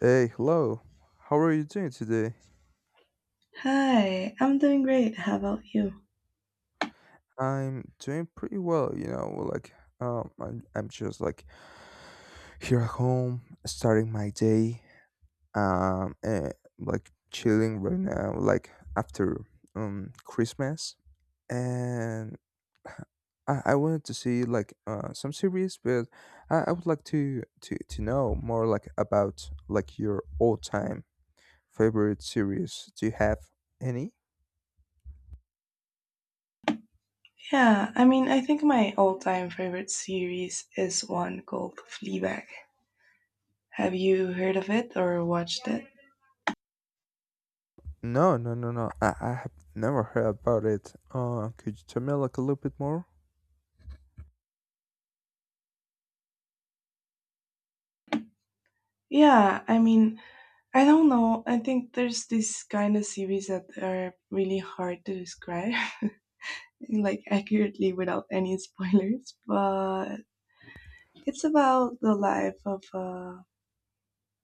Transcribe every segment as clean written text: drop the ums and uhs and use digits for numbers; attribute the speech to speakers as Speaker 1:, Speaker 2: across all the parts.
Speaker 1: Hey, hello. How are you doing today?
Speaker 2: Hi, I'm doing great. How about you?
Speaker 1: I'm doing pretty well, you know, like I'm just like here at home starting my day and like chilling right now like after Christmas and I wanted to see like some series, but I would like to know more like about like your all-time favorite series. Do you have any?
Speaker 2: Yeah, I mean, I think my all-time favorite series is one called Fleabag. Have you heard of it or watched it?
Speaker 1: No, no, no, no. I have never heard about it. Could you tell me like a little bit more?
Speaker 2: Yeah, I mean, I don't know. I think there's this kind of series that are really hard to describe, like accurately without any spoilers, but it's about the life of a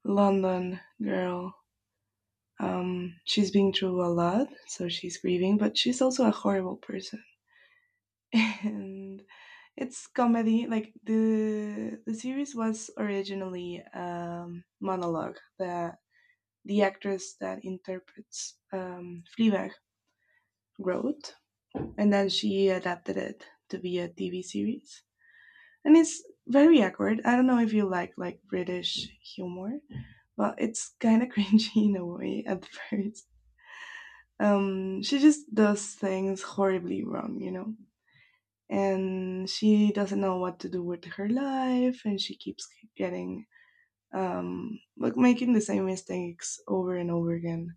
Speaker 2: London girl. She's been through a lot, so she's grieving, but she's also a horrible person. and It's comedy. Like, the series was originally monologue that the actress that interprets Fleabag wrote, and then she adapted it to be a TV series. And it's very awkward. I don't know if you like British humor, but it's kind of cringy in a way at first. She just does things horribly wrong, and she doesn't know what to do with her life. And she keeps getting, like, making the same mistakes over and over again.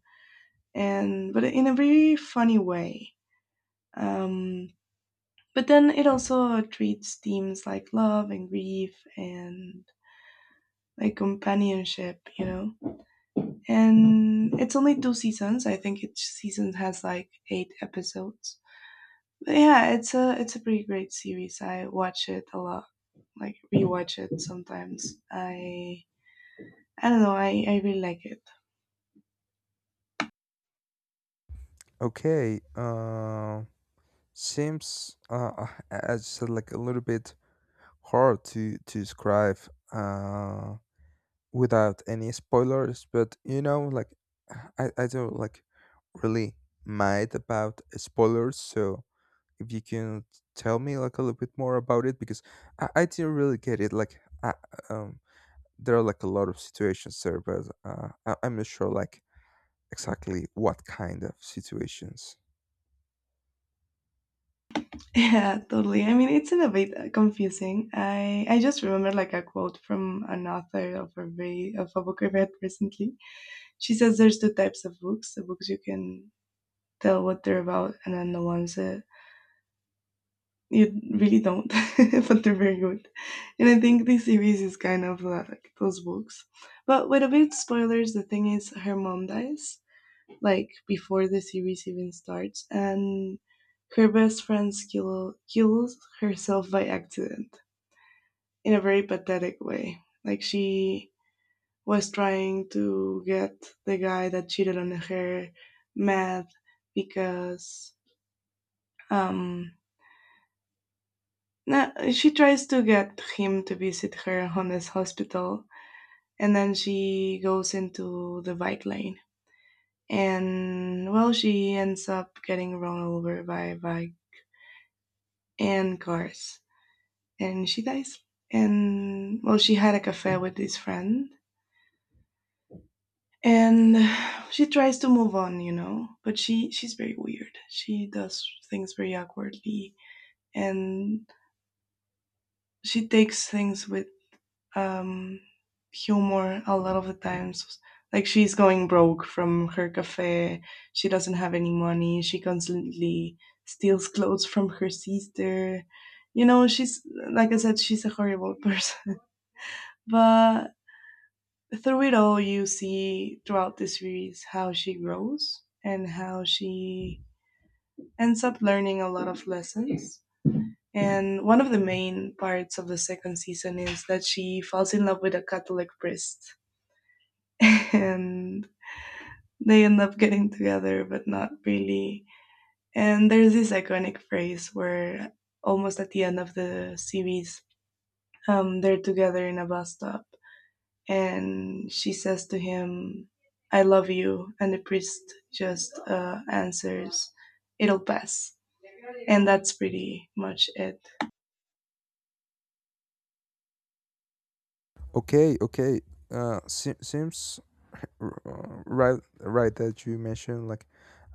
Speaker 2: And But in a very funny way. um but then it also treats themes like love and grief and, like, companionship, and it's only two seasons. I think each season has like eight episodes. But yeah, it's a pretty great series. I watch it a lot, like, rewatch it sometimes. I don't know. I really like it.
Speaker 1: Okay. Seems as you said, like a little bit hard to describe uh without any spoilers. But you know, like I don't like really mind about spoilers. So if you can tell me like a little bit more about it, because I didn't really get it. Like I um. there are like a lot of situations there, but I'm not sure like exactly what kind of situations.
Speaker 2: Yeah, totally. I mean, it's in a bit, confusing. I just remember like a quote from an author of a book I read recently. She says there's two types of books: the books you can tell what they're about, and then the ones that you really don't, but they're very good. And I think this series is kind of, like those books. But with a bit spoilers, the thing is her mom dies, like, before the series even starts, and her best friend kills herself by accident in a very pathetic way. Like, she was trying to get the guy that cheated on her mad, because um no, she tries to get him to visit her on his hospital, and then she goes into the bike lane. And well, she ends up getting run over by a bike and cars, and she dies. And well, she had a cafe with this friend, and she tries to move on. But she's very weird. She does things very awkwardly, and she takes things with, um, humor a lot of the times. Like, she's going broke from her cafe. She doesn't have any money. She constantly steals clothes from her sister. She's, like I said, she's a horrible person. But through it all, you see throughout the series how she grows and how she ends up learning a lot of lessons. And one of the main parts of the second season is that she falls in love with a Catholic priest, and they end up getting together, but not really. And there's this iconic phrase where, almost at the end of the series, they're together in a bus stop, and she says to him, "I love you," and the priest just, answers, "It'll pass." And that's pretty much it.
Speaker 1: Okay, okay. Seems right that you mentioned like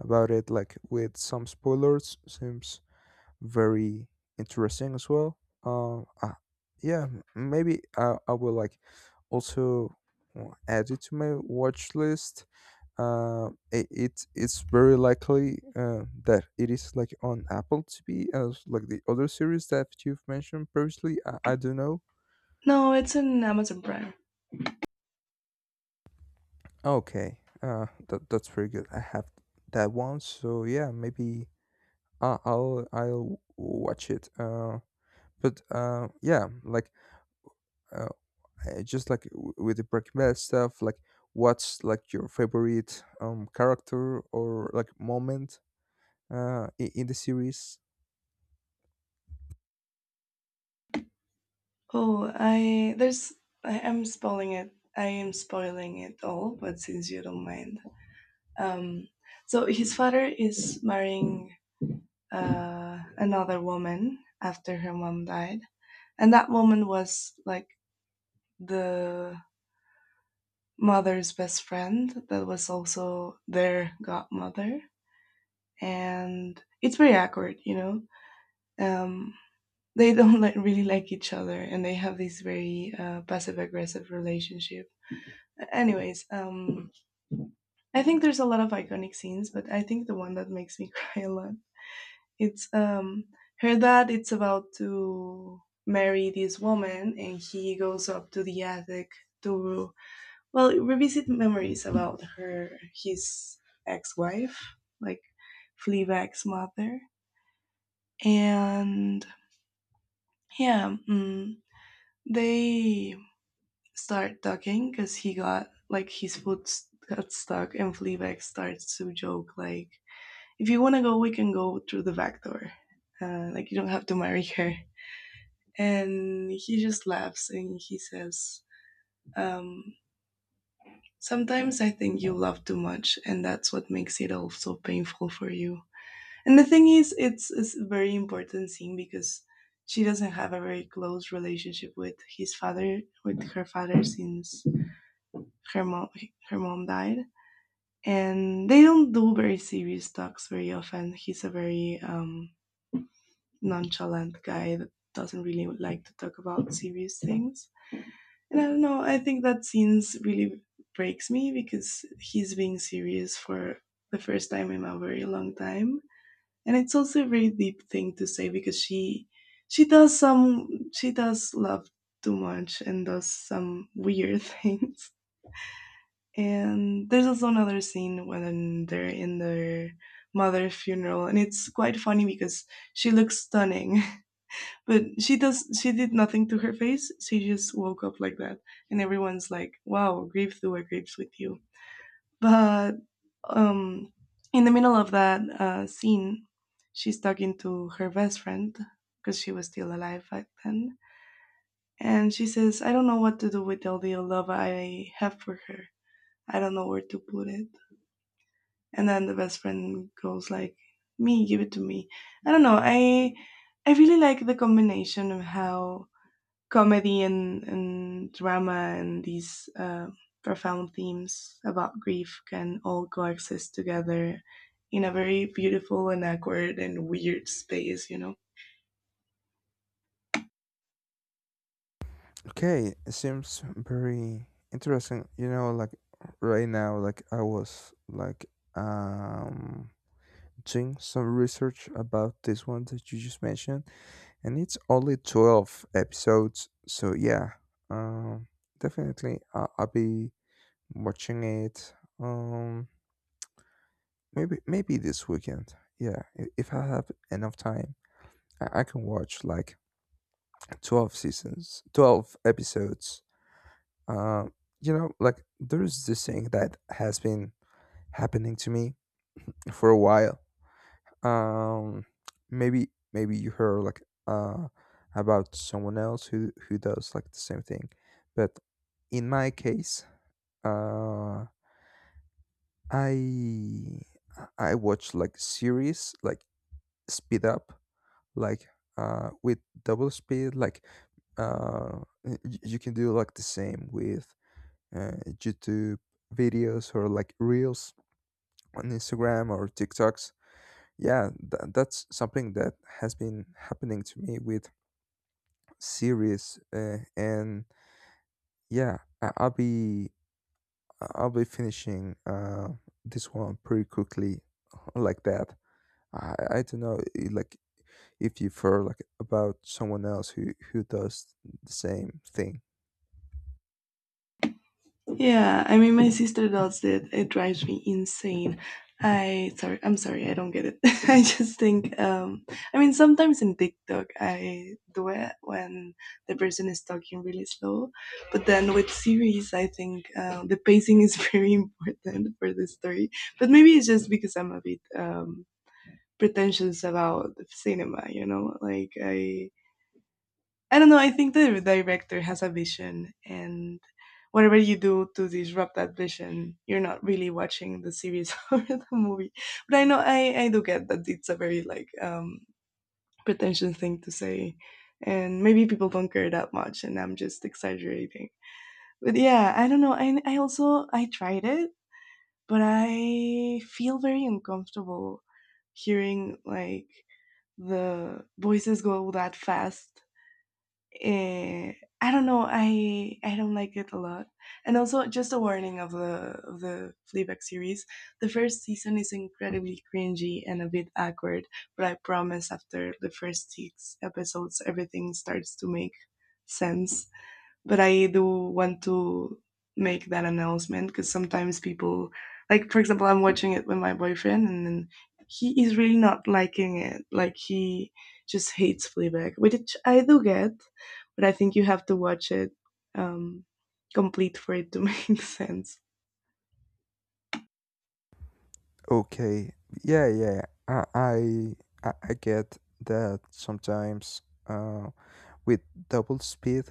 Speaker 1: about it like with some spoilers. Seems very interesting as well. Yeah, maybe I will like also add it to my watch list. Uh, it it's very likely that it is like on Apple TV, as like the other series that you've mentioned previously. I don't know.
Speaker 2: No, it's on Amazon Prime.
Speaker 1: Okay, that's pretty good. I have that one, so yeah, maybe I'll watch it. But Yeah, like uh, just like with the Breaking Bad stuff, like what's like your favorite character or like moment in the series?
Speaker 2: Oh, I am spoiling it. I am spoiling it all, but since you don't mind. Um, so his father is marrying, another woman after her mom died, and that woman was like the mother's best friend that was also their godmother, and it's very awkward. Um, they don't, like, really like each other, and they have this very, passive aggressive relationship. Anyways, I think there's a lot of iconic scenes, but I think the one that makes me cry a lot, it's, her dad, it's about to marry this woman, and he goes up to the attic to, well, revisit memories about her, his ex-wife, like, Fleabag's mother. And yeah, they start talking because he got, like, his foot got stuck, and Fleabag starts to joke like, "If you want to go, we can go through the back door, like, you don't have to marry her." And he just laughs and he says, um, "Sometimes I think you love too much, and that's what makes it all so painful for you." And the thing is, it's a very important thing because she doesn't have a very close relationship with his father, with her father, since her mom her mom died. And they don't do very serious talks very often. He's a very, nonchalant guy that doesn't really like to talk about serious things. And I don't know, I think that scene really breaks me because he's being serious for the first time in a very long time. And it's also a very deep thing to say because she does some, she does love too much, and does some weird things. And there's also another scene when they're in their mother's funeral, and it's quite funny because she looks stunning. But she does. She did nothing to her face. She just woke up like that, and everyone's like, "Wow, grief through a grapes with you." But, um, in the middle of that, scene, she's talking to her best friend because she was still alive back then, and she says, "I don't know what to do with all the love I have for her. I don't know where to put it." And then the best friend goes like, "Me, give it to me." I don't know. I really like the combination of how comedy and drama and these, profound themes about grief can all coexist together in a very beautiful and awkward and weird space, you know?
Speaker 1: Okay, it seems very interesting. You know, like right now, like I was like um doing some research about this one that you just mentioned, and it's only 12 episodes. So yeah, um, definitely I'll be watching it. Um, Maybe maybe this weekend. Yeah, if I have enough time, I can watch like 12 seasons, 12 episodes. Uh, you know, like there's this thing that has been happening to me for a while. Um, Maybe maybe you heard like about someone else who does like the same thing, but in my case, uh, I I watch like series like speed up like with double speed like uh y- you can do like the same with youtube videos or like reels on instagram or tiktoks. Yeah, that's something that has been happening to me with series, and yeah, I'll be finishing this one pretty quickly like that. I don't know it, like if you feel like about someone else who does the same thing.
Speaker 2: Yeah, I mean, my sister does it. It drives me insane. I'm sorry, I don't get it. I just think, I mean, sometimes in TikTok I do it when the person is talking really slow, but then with series, I think, the pacing is very important for the story. But maybe it's just because I'm a bit, pretentious about cinema, you know? Like, I don't know. I think the director has a vision, and whatever you do to disrupt that vision, you're not really watching the series or the movie. But I know I do get that it's a very, like, pretentious thing to say, and maybe people don't care that much, and I'm just exaggerating. But yeah, I don't know. I also I tried it, but I feel very uncomfortable hearing, like, the voices go that fast. eh, I don't know. I don't like it a lot. And also, just a warning of the Fleabag series. The first season is incredibly cringy and a bit awkward, but I promise, after the first six episodes, everything starts to make sense. But I do want to make that announcement because sometimes people, like for example, I'm watching it with my boyfriend, and then he is really not liking it. Like, he just hates Fleabag, which I do get, but I think you have to watch it, um, complete for it to make sense.
Speaker 1: Okay, yeah, yeah, I I get that sometimes uh, with double speed,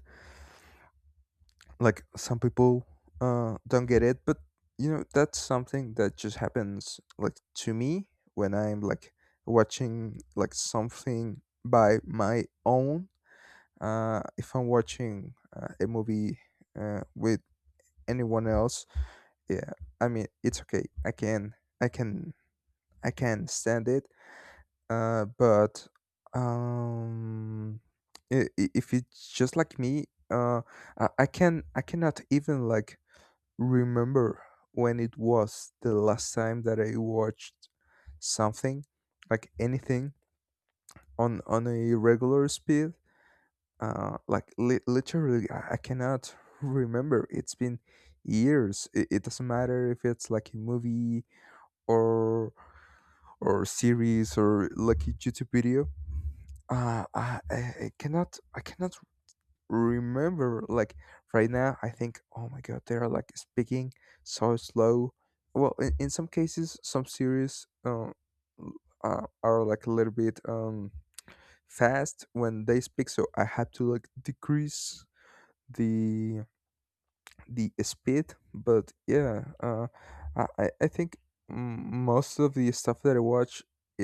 Speaker 1: like some people don't get it, but you know that's something that just happens like to me when I'm like watching like something by my own. If I'm watching a movie with anyone else, yeah, I mean it's okay, i can I can stand it, uh but um if it's just like me, uh I can I cannot even like remember when it was the last time that I watched something, like anything, on a regular speed. Like literally I cannot remember. It's been years, it doesn't matter if it's like a movie or or series or like a YouTube video. Uh, I, I I cannot I cannot remember like right now. I think oh my god, they are like speaking so slow. Well, in some cases, some series l- are like a little bit fast when they speak, so I have to like decrease the the speed. But yeah, I think mm, most of the stuff that I watch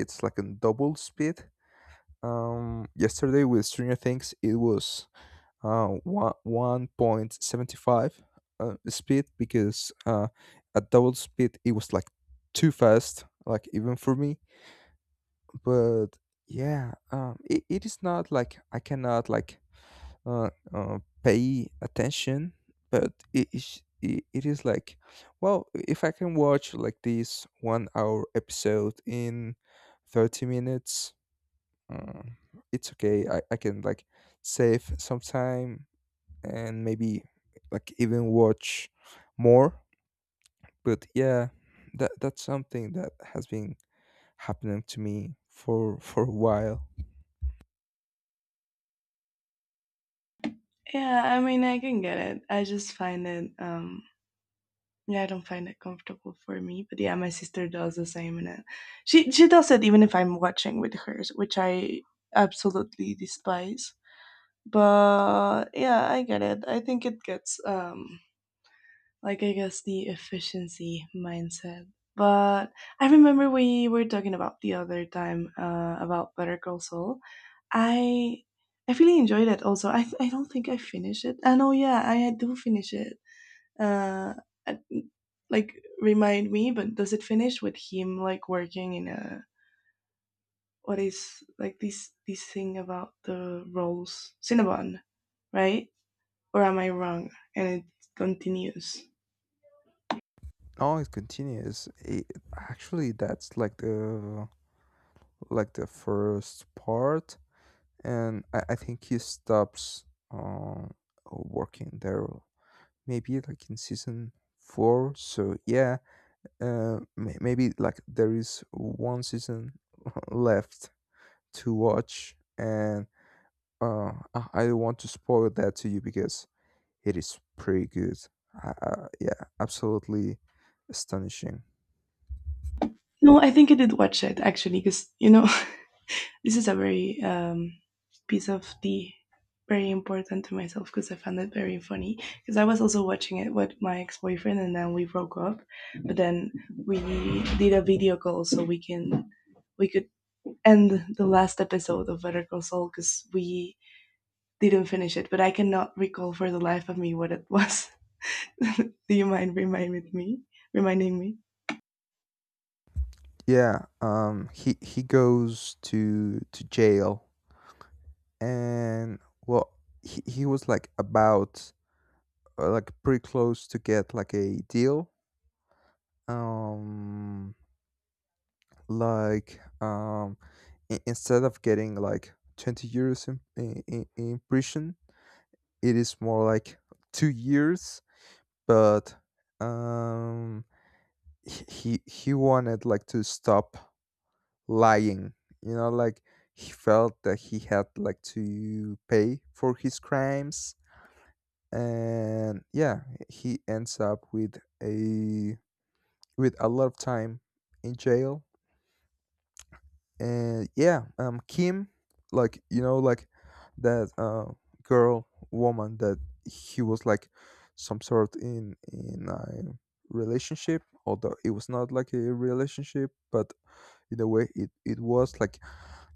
Speaker 1: it's like in double speed. Yesterday with stranger things it was 1.75 speed because at double speed it was like too fast, like even for me. But yeah, it, it is not like I cannot like pay attention, but it, it is like, well, if I can watch like this 1 hour episode in 30 minutes, uh, it's okay, I can like save some time and maybe like even watch more. But yeah, that's something that has been happening to me for a while.
Speaker 2: Yeah, I mean, I can get it. I just find it. Yeah, I don't find it comfortable for me, but yeah, my sister does the same, and, she does it even if I'm watching with her, which I absolutely despise. But yeah, I get it. I think it gets, like, I guess, the efficiency mindset. But I remember we were talking about the other time, about Better Call Saul. I I really enjoyed it. Also, I don't think I finished it. I know, yeah, I do finish it, uh, like, remind me, but does it finish with him, like, working in a, what is, like, this thing about the rolls Cinnabon, right? Or am I wrong? And it continues?
Speaker 1: Oh, it continues actually. That's like the first part, and I think he stops uh, working there maybe like in season four. So yeah, maybe like there is one season left to watch, and I don't want to spoil that to you because it is pretty good. Yeah, absolutely astonishing.
Speaker 2: No, I think I did watch it, actually, because, you know. This is a very, piece of the, very important to myself, because I found it very funny. Because I was also watching it with my ex boyfriend, and then we broke up. But then we did a video call so we could end the last episode of Better Call Saul because we didn't finish it. But I cannot recall for the life of me what it was. Do you mind reminding me? Reminding me?
Speaker 1: Yeah, he goes to jail, and well, he was like about like pretty close to get like a deal, um like um instead of getting like 20 years in prison. It is more like 2 years, but um he wanted like to stop lying, you know, like he felt that he had like to pay for his crimes. And yeah, he ends up with a lot of time in jail. And yeah, kim, like you know, like that girl, woman, that he was like some sort in a relationship, although it was not like a relationship, but in a way it it was like,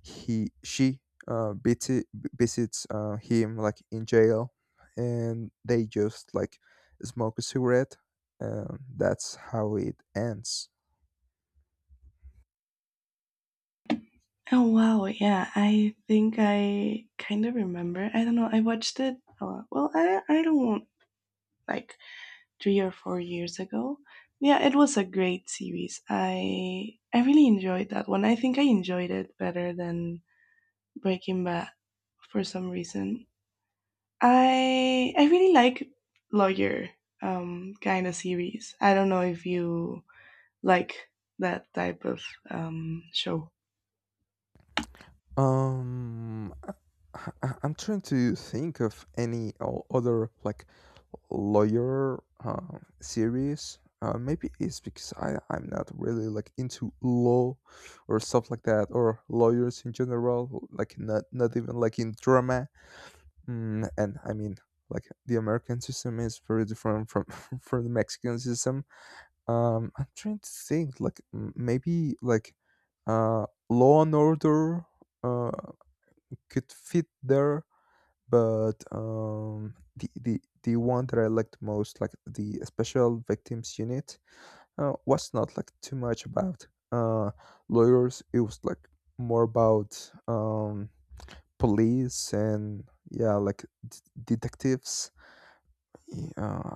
Speaker 1: he she uh visi- visits him like in jail, and they just like smoke a cigarette, and that's how it ends.
Speaker 2: Oh wow, yeah. I think I kind of remember. I don't know. I watched it. Well, I don't want, like, 3 or 4 years ago. Yeah, it was a great series. I really enjoyed that one. I think I enjoyed it better than Breaking Bad for some reason. I really like lawyer, kind of series. I don't know if you like that type of show.
Speaker 1: I'm trying to think of any other like lawyer series. Maybe it's because I'm not really like into law or stuff like that, or lawyers in general, like not even like in drama. Mm, and I mean, like the American system is very different from from the Mexican system. I'm trying to think, like maybe like Law and Order uh, could fit there, but the one that I liked most, like the Special Victims Unit, was not like too much about uh, lawyers. It was like more about police and yeah, like detectives. Yeah,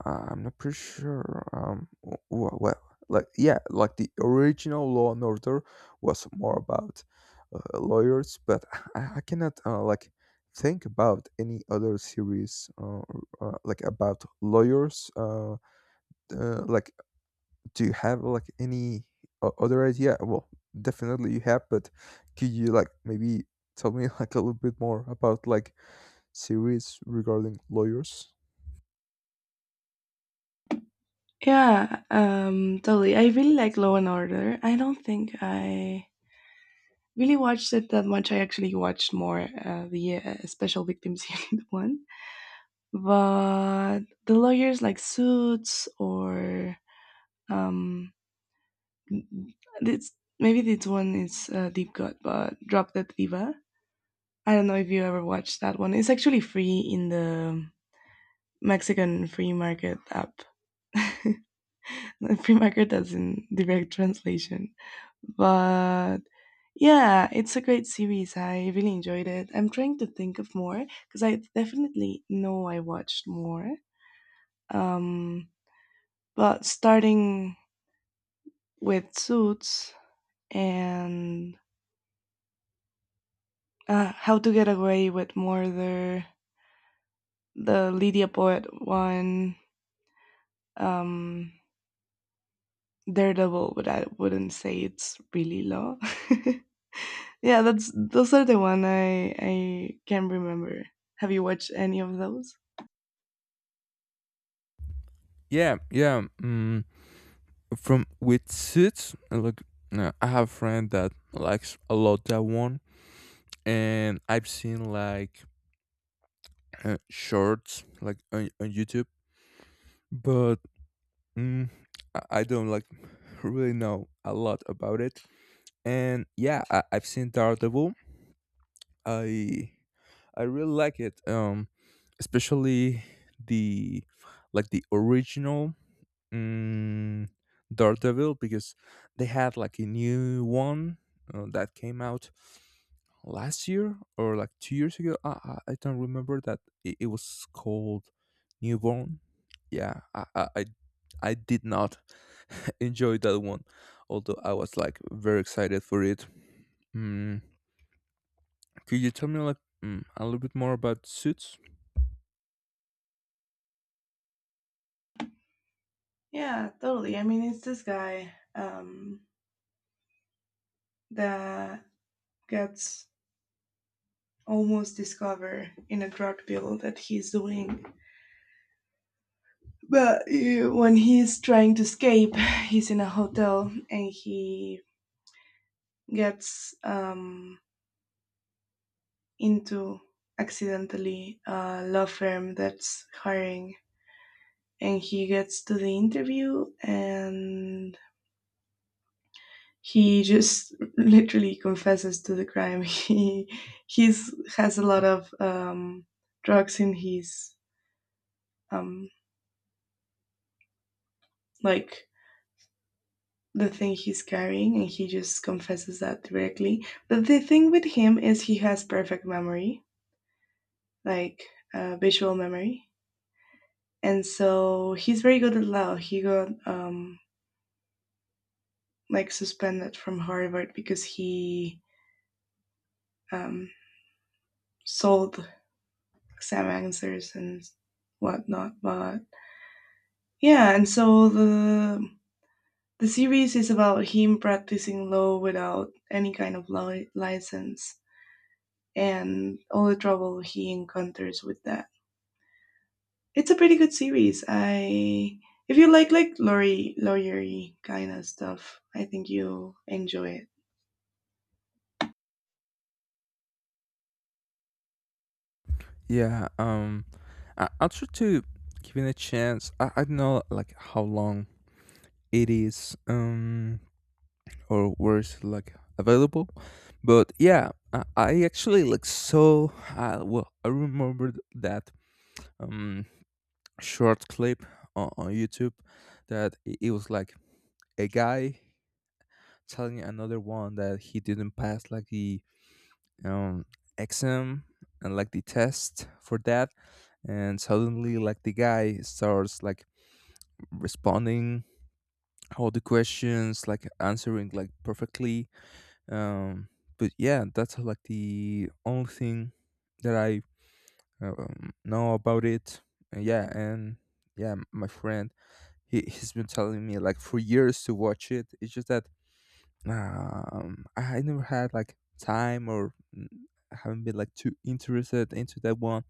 Speaker 1: I'm not pretty sure. Well, like yeah, like the original Law and Order was more about lawyers, but I cannot like think about any other series like about lawyers. Like, do you have like any other idea? Well, definitely you have, but could you like maybe tell me like a little bit more about like series regarding lawyers?
Speaker 2: Yeah, totally. I really like Law and Order. I don't think I really watched it that much. I actually watched more the Special Victims Unit one, but the lawyers like Suits or um, it's maybe this one is Deep Cut, but Drop Dead Diva. I don't know if you ever watched that one. It's actually free in the Mexican free market app. Market doesn't direct translation. But yeah, it's a great series. I really enjoyed it. I'm trying to think of more because I definitely know I watched more. Um, but starting with Suits and How to Get Away with Murder, the Lydia Poet one, um, Daredevil, but I wouldn't say it's really law. Yeah, that's those are the one I can remember. Have you watched any of those?
Speaker 1: Yeah, yeah. from With suits, like no, I have a friend that likes a lot that one, and I've seen like shorts like on youtube, but mm, I don't like really know a lot about it. And yeah, I've seen daredevil. i I really like it, especially the like the original Mm, Daredevil, because they had like a new one that came out last year or like 2 years ago. I don't remember that. It was called Newborn. Yeah, I did not enjoy that one, although I was like very excited for it. Mm, could you tell me like mm, a little bit more about Suits?
Speaker 2: Yeah, totally. I mean, it's this guy that gets almost discovered in a drug deal that he's doing. But when he's trying to escape, he's in a hotel and he gets into accidentally a law firm that's hiring. And he gets to the interview and he just literally confesses to the crime. He he's has a lot of drugs in his um, like the thing he's carrying, and he just confesses that directly. But the thing with him is he has perfect memory, like visual memory, and so he's very good at law. He got like suspended from Harvard because he um, sold exam answers and whatnot, but yeah. And so the series is about him practicing law without any kind of license and all the trouble he encounters with that. It's a pretty good series. I if you like lawyery kind of stuff, I think you'll enjoy it.
Speaker 1: Yeah, I'll try to give it a chance. I don't know like how long it is or where is it like available. But yeah, I actually like, so I remembered that um short clip on youtube, that it was like a guy telling another one that he didn't pass like the um exam and like the test for that, and suddenly like the guy starts like responding all the questions, like answering like perfectly. Um, but yeah, that's like the only thing that I know about it. And yeah, my friend, he's been telling me like for years to watch it. It's just that I never had like time, or haven't been like too interested into that one.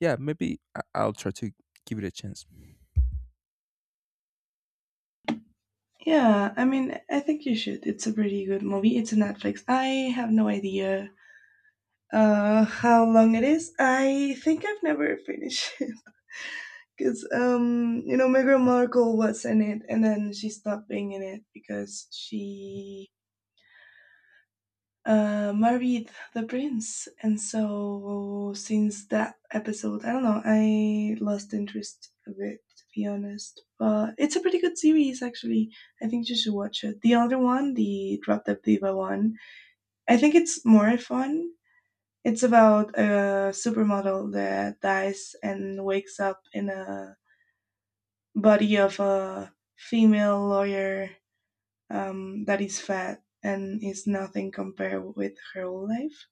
Speaker 1: Yeah, maybe I'll try to give it a chance.
Speaker 2: Yeah, I mean, I think you should. It's a pretty good movie. It's a Netflix. I have no idea how long it is. I think I've never finished it. Because, you know, Meghan Markle was in it and then she stopped being in it because she married the prince. And so, since that episode, I don't know, I lost interest a bit, to be honest. But it's a pretty good series, actually. I think you should watch it. The other one, the Drop Dead Diva one, I think it's more fun. It's about a supermodel that dies and wakes up in a body of a female lawyer that is fat and is nothing compared with her whole life.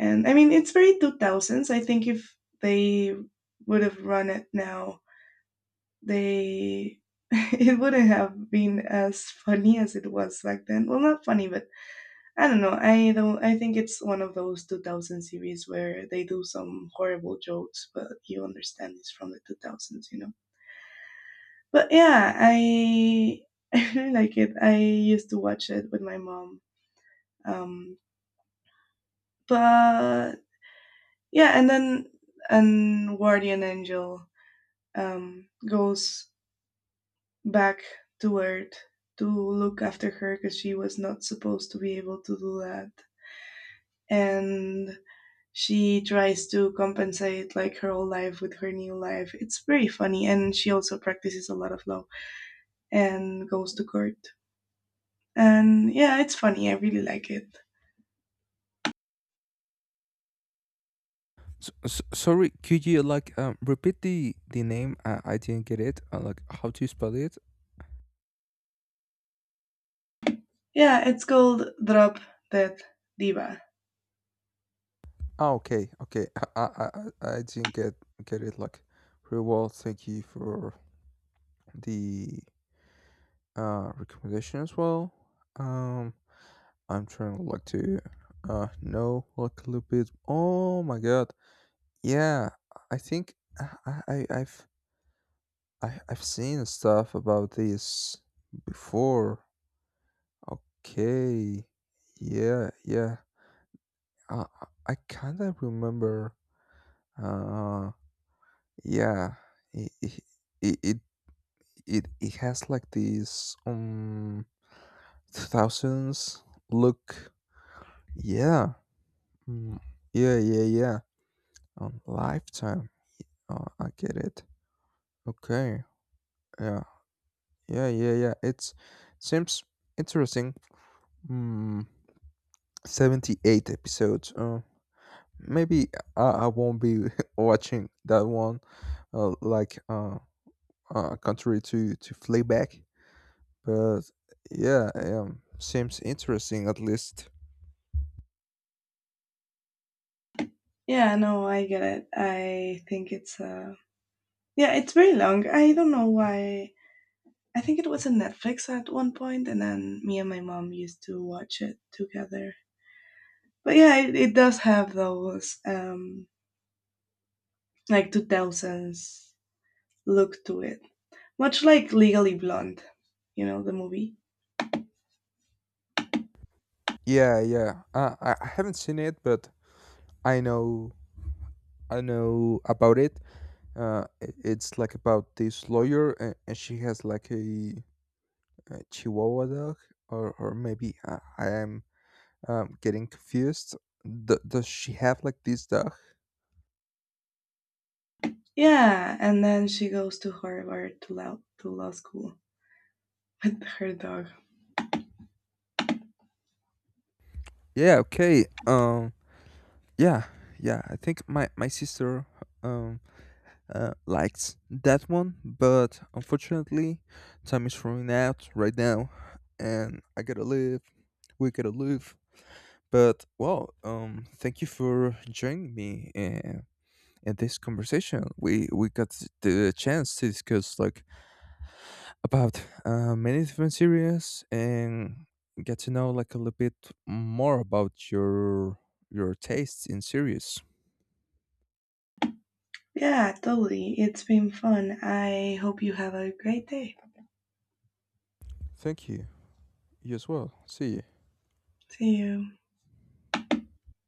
Speaker 2: And I mean, it's very 2000s. I think if they would have run it now, they it wouldn't have been as funny as it was back then. Well, not funny, but I don't know. I don't. I think it's one of those 2000 series where they do some horrible jokes, but you understand it's from the 2000s, you know. But yeah, I I really like it. I used to watch it with my mom. Um, but yeah, and then an guardian angel goes back to Earth to look after her because she was not supposed to be able to do that, and she tries to compensate like her old life with her new life. It's very funny, and she also practices a lot of law and goes to court. And yeah, it's funny. I really like it.
Speaker 1: So, so, sorry, could you like repeat the name? I didn't get it. Like how to spell it?
Speaker 2: Yeah, it's called Drop Dead Diva.
Speaker 1: Ah, okay, okay. I didn't get it. Like, reward. Thank you for the recommendation as well. Um, I'm trying like to know like a little bit. Oh my god. Yeah, I think I've seen stuff about this before. Okay. Yeah, yeah. Uh, I kind of remember. Uh, yeah. It It, it, it it has like this two thousands look. Yeah, mm, yeah yeah yeah, on lifetime. Oh, I get it. Okay, yeah, yeah it's seems interesting. Mm, 78 episodes. Maybe I won't be watching that one, uh, like uh, contrary to flayback. But yeah, seems interesting, at least.
Speaker 2: Yeah, no, I get it. I think it's yeah, it's very long. I don't know why. I think it was on Netflix at one point, and then me and my mom used to watch it together. But yeah, it does have those like 2000s look to it, much like Legally Blonde, you know, the movie.
Speaker 1: Yeah, yeah. I haven't seen it, but I know I know about it. It's like about this lawyer, and she has like a Chihuahua dog, or maybe I am getting confused. Does she have like this dog?
Speaker 2: Yeah, and then she goes to Harvard to law school with her dog.
Speaker 1: Yeah. Okay. Yeah. Yeah. I think my sister um liked that one, but unfortunately, time is running out right now, and I gotta leave. We gotta leave. But well, thank you for joining me in this conversation. We got the chance to discuss like about many different series and get to know like a little bit more about your tastes in series.
Speaker 2: Yeah, totally. It's been fun. I hope you have a great day.
Speaker 1: Thank you. You as well. See you.
Speaker 2: See you.